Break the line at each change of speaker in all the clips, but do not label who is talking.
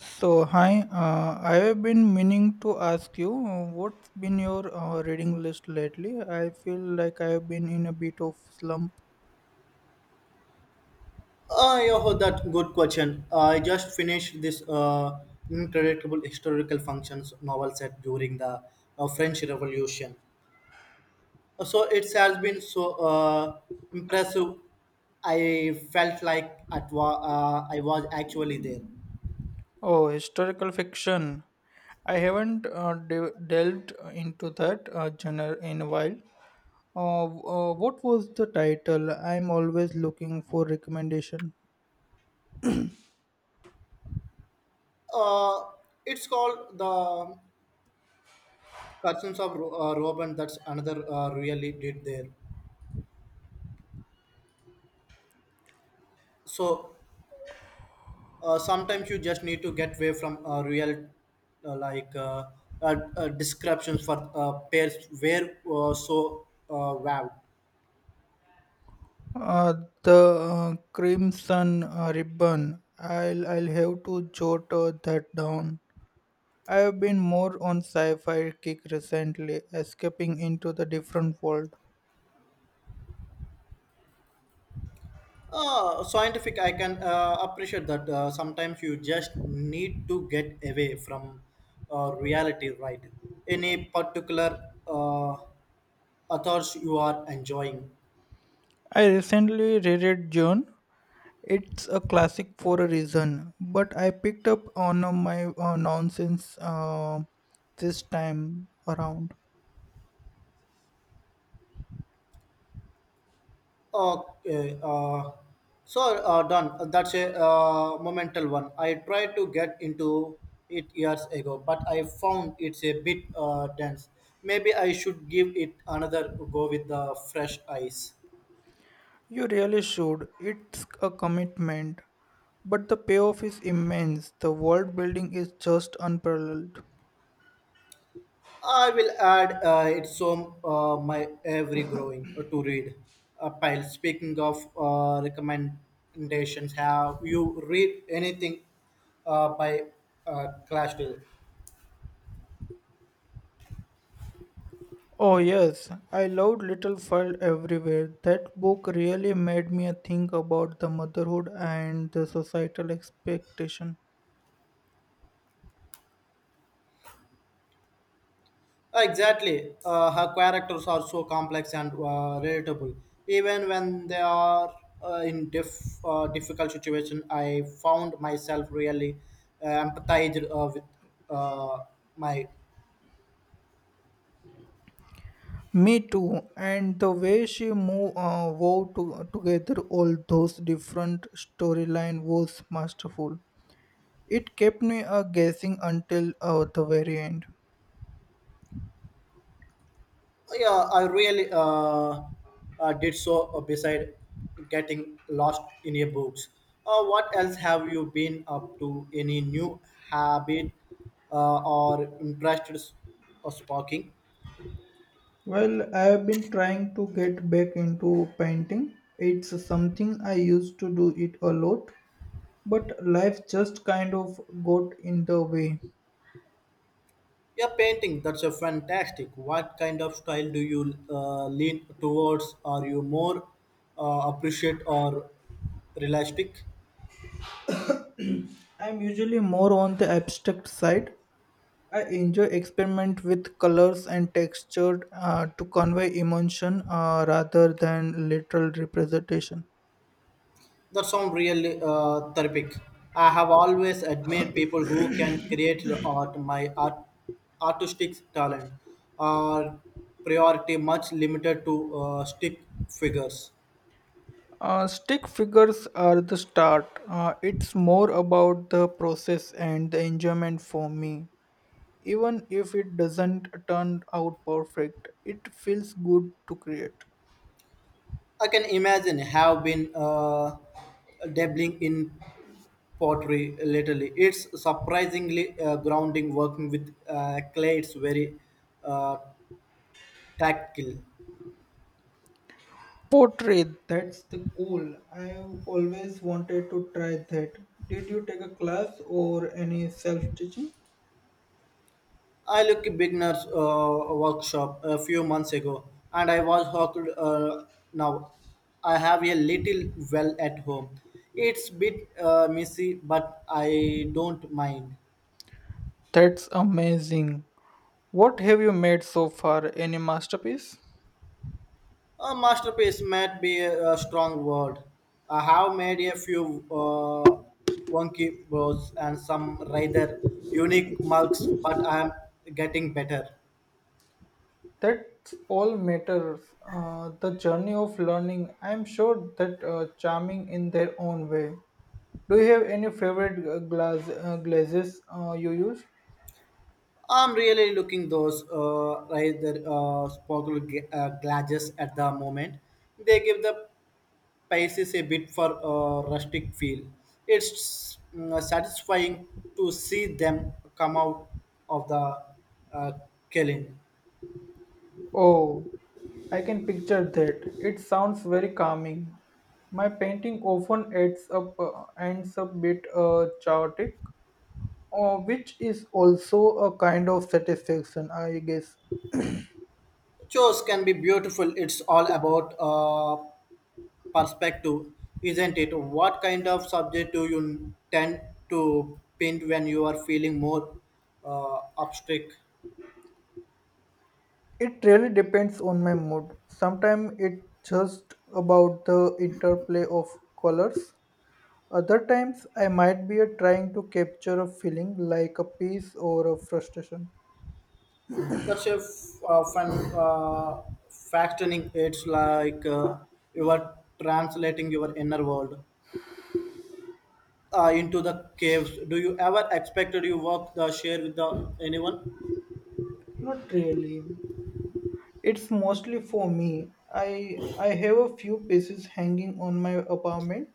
So, hi, I have been meaning to ask you what's been your reading list lately? I feel like I have been in a bit of slump.
Yeah, oh, that good question. I just finished this incredible historical functions novel set during the French Revolution. So it has been so impressive. I felt like I was actually there.
Oh, historical fiction. I haven't delved into that genre in a while. What was the title? I'm always looking for recommendation.
Uh, it's called the Curtains of Robin. That's another really did there. So sometimes you just need to get away from real uh, like uh, descriptions for pairs where so wow
Uh, the Crimson Ribbon. I'll have to jot that down. I have been more on sci-fi kick recently, escaping into the different world.
scientific I can appreciate that sometimes you just need to get away from reality right any particular uh, authors you are enjoying.
I recently reread June. It's a classic for a reason, but I picked up on my nonsense this time around.
Okay, so done. That's a momental one. I tried to get into it years ago, but I found it's a bit dense. Maybe I should give it another go with the fresh eyes.
You really should. It's a commitment, but the payoff is immense. The world building is just unparalleled.
I will add it some my every growing to read pile. Speaking of recommendations, have you read anything by Clash.
Oh, yes, I loved Little Fire Everywhere. That book really made me think about the motherhood and the societal expectation.
Exactly. Her characters are so complex and relatable. Even when they are in difficult situation, I found myself really empathized with uh, my.
Me too, and the way she moved together all those different storyline was masterful. It kept me guessing until the very end.
Yeah, I really did so beside getting lost in your books. What else have you been up to? Any new habit or interest or sparking?
Well, I have been trying to get back into painting. It's something I used to do it a lot, but life just kind of got in the way.
Yeah, painting. That's a fantastic. What kind of style do you lean towards? Are you more appreciate or realistic?
I'm usually more on the abstract side. I enjoy experiment with colors and texture to convey emotion rather than literal representation.
That sounds really therapeutic. I have always admired people who can create art. My art, artistic talent are priority much limited to stick figures.
Stick figures are the start. It's more about the process and the enjoyment for me. Even if it doesn't turn out perfect, it feels good to create.
I can imagine have been dabbling in pottery lately. It's surprisingly grounding working with clay. It's very uh, tactile.
Portrait, that's the goal. I always wanted to try that. Did you take a class or any self teaching?
I look a beginner's workshop a few months ago and I was hooked now. I have a little well at home. It's bit messy but I don't mind.
That's amazing. What have you made so far? Any masterpiece?
A masterpiece might be a strong word. I have made a few wonky bows and some rather unique mugs, but I'm getting better.
That's all matters. The journey of learning. I'm sure that charming in their own way. Do you have any favorite glass glazes you use?
I'm really looking those rather sparkle glasses at the moment. They give the pieces a bit for rustic feel. It's mm, satisfying to see them come out of the uh, killing.
Oh, I can picture that. It sounds very calming. My painting often ends up ends a bit chaotic, which is also a kind of satisfaction, I guess.
Chores can be beautiful. It's all about perspective, isn't it? What kind of subject do you tend to paint when you are feeling more abstract?
It really depends on my mood. Sometimes it's just about the interplay of colors. Other times, I might be trying to capture a feeling like a peace or a frustration.
That's a fun factioning. It's like you are translating your inner world into the caves. Do you ever expected you walk the share with the anyone?
Not really. It's mostly for me. I have a few pieces hanging on my apartment,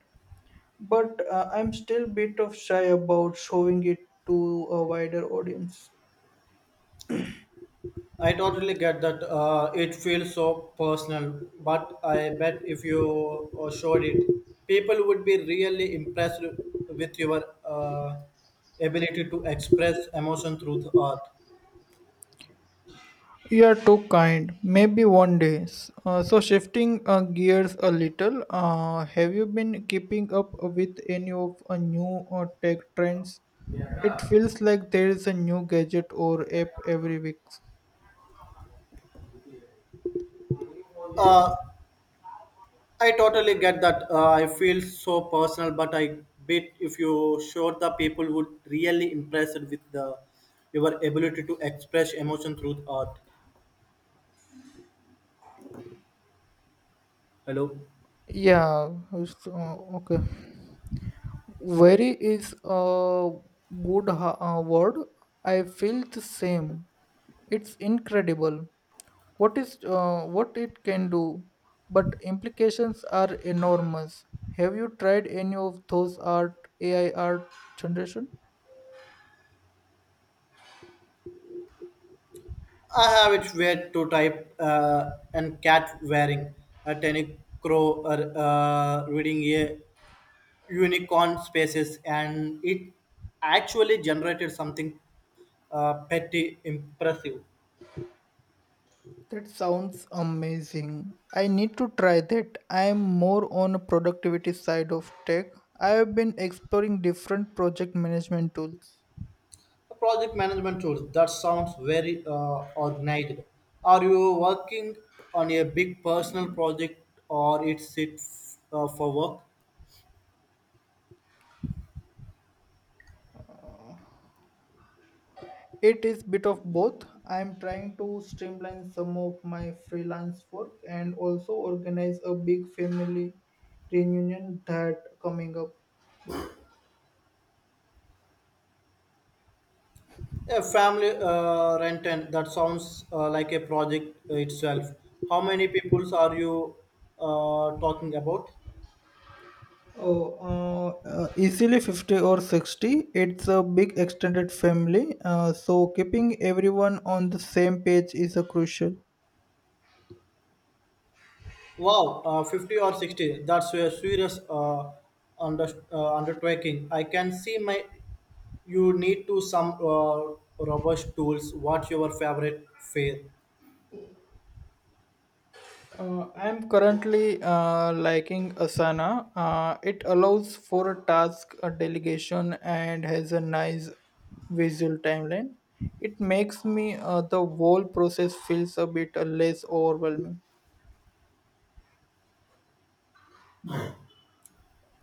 but I'm still bit of shy about showing it to a wider audience.
I totally get that. It feels so personal, but I bet if you showed it, people would be really impressed with your ability to express emotion through the art.
You're too kind. Maybe one day. So shifting gears a little, have you been keeping up with any of new tech trends? It feels like there is a new gadget or app every week.
Uh, I totally get that. I feel so personal, but I bet if you showed the people would really impressed with the your ability to express emotion through the art. Hello.
Yeah. Okay. Very is a good word. I feel the same. It's incredible. What is what it can do, but implications are enormous. Have you tried any of those art AI art generation?
I have it weird to type and cat wearing a tiny crow or reading a unicorn spaces and it actually generated something petty impressive.
That sounds amazing. I need to try that. I am more on a productivity side of tech. I have been exploring different project management tools.
Project management tools that sounds very organized. Are you working on a big personal project or it's it for work?
It is bit of both. I am trying to streamline some of my freelance work and also organize a big family reunion that coming up.
A family rent and that sounds like a project itself. How many peoples are you talking about?
Oh, easily 50 or 60. It's a big extended family, so keeping everyone on the same page is a crucial.
Wow, 50 or 60. That's a serious undertaking. I can see my. You need to some robust tools. What's your favorite fare?
I'm currently liking Asana. It allows for task delegation and has a nice visual timeline. It makes me the whole process feels a bit less overwhelming.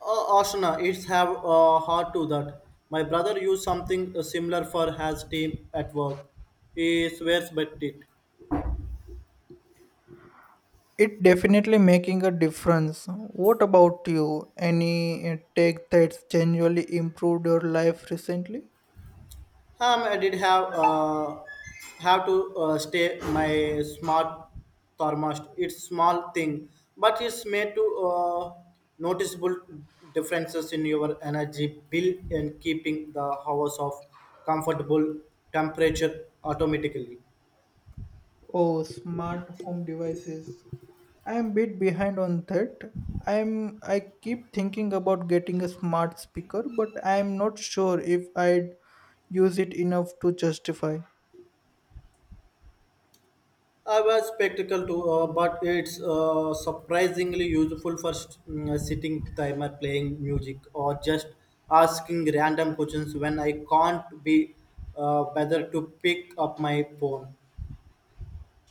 Ashna, it's have hard to that. My brother used something similar for his team at work. He swears by it.
It definitely making a difference. What about you? Any tech that's genuinely improved your life recently?
I did have to stay my smart thermostat. It's small thing, but it's made to uh, noticeable differences in your energy bill and keeping the hours of comfortable temperature automatically.
Oh, smart home devices. I am bit behind on that. I keep thinking about getting a smart speaker, but I am not sure if I'd use it enough to justify.
I was spectacle too, but it's surprisingly useful for sitting timer, playing music, or just asking random questions when I can't be whether to pick up my phone.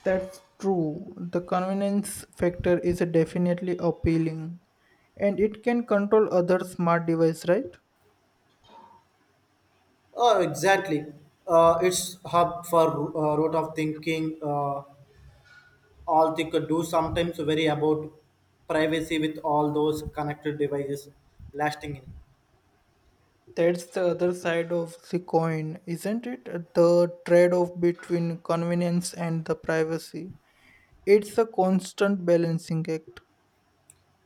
That's true. The convenience factor is definitely appealing. And it can control other smart device, right?
Oh, exactly. It's hub for root of thinking. All they could do sometimes worry about privacy with all those connected devices lasting in.
That's the other side of the coin, isn't it? The trade-off between convenience and the privacy. It's a constant balancing act,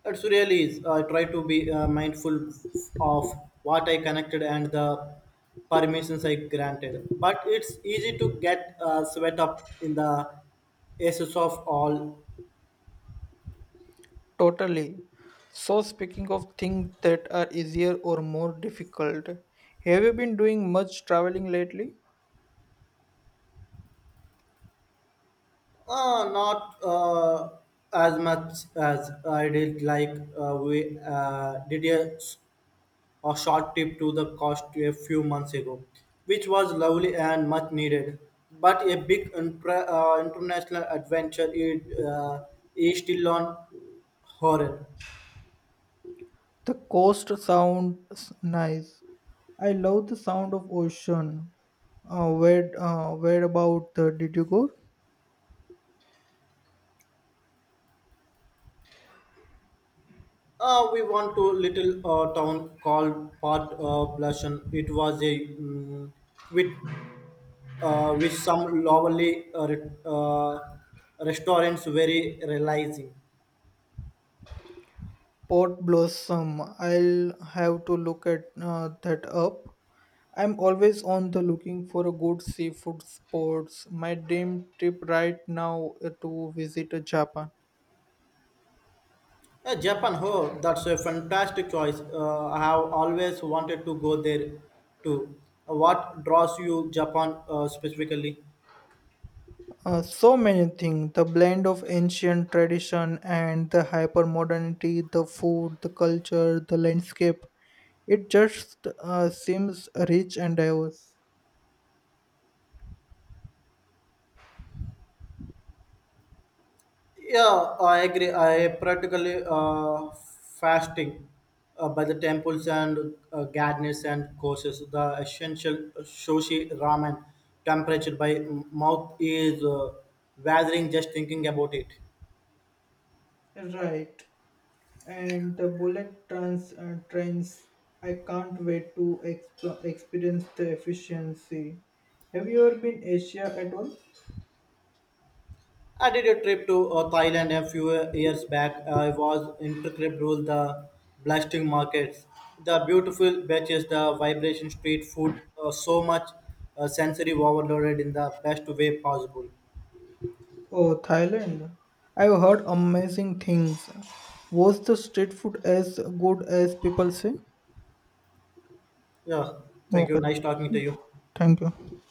It's really is. I try to be mindful of what I connected and the permissions I granted. But it's easy to get sweat up in the aces of all.
totally. So, speaking of things that are easier or more difficult, have you been doing much traveling lately?
Not as much as I did like we did a short trip to the coast a few months ago, which was lovely and much needed. But a big international adventure is still on Horror.
The coast sounds nice. I love the sound of ocean. Where about did you go?
We went to a little town called Port Blushon. It was a mm with with some lovely restaurants very realizing.
Pot Blossom. I'll have to look at that up. I'm always on the looking for a good seafood spots. My dream trip right now is to visit Japan.
Japan, oh, that's a fantastic choice. I have always wanted to go there too. What draws you Japan specifically?
So many things the blend of ancient tradition and the hyper modernity, the food, the culture, the landscape. It just seems rich and diverse.
Yeah, I agree. I practically fasting by the temples and gardens and courses. The essential shoshi ramen temperature by mouth is gathering just thinking about it.
Right. And the trains. I can't wait to experience the efficiency. Have you ever been Asia at all?
I did a trip to Thailand a few years back. I was intricately ruled the blasting markets, the beautiful beaches, the vibration street food, so much sensory overloaded in the best way possible.
Oh, Thailand. I've heard amazing things. Was the street food as good as people say?
Yeah, thank you.
Okay,
Nice talking to you.
thank you.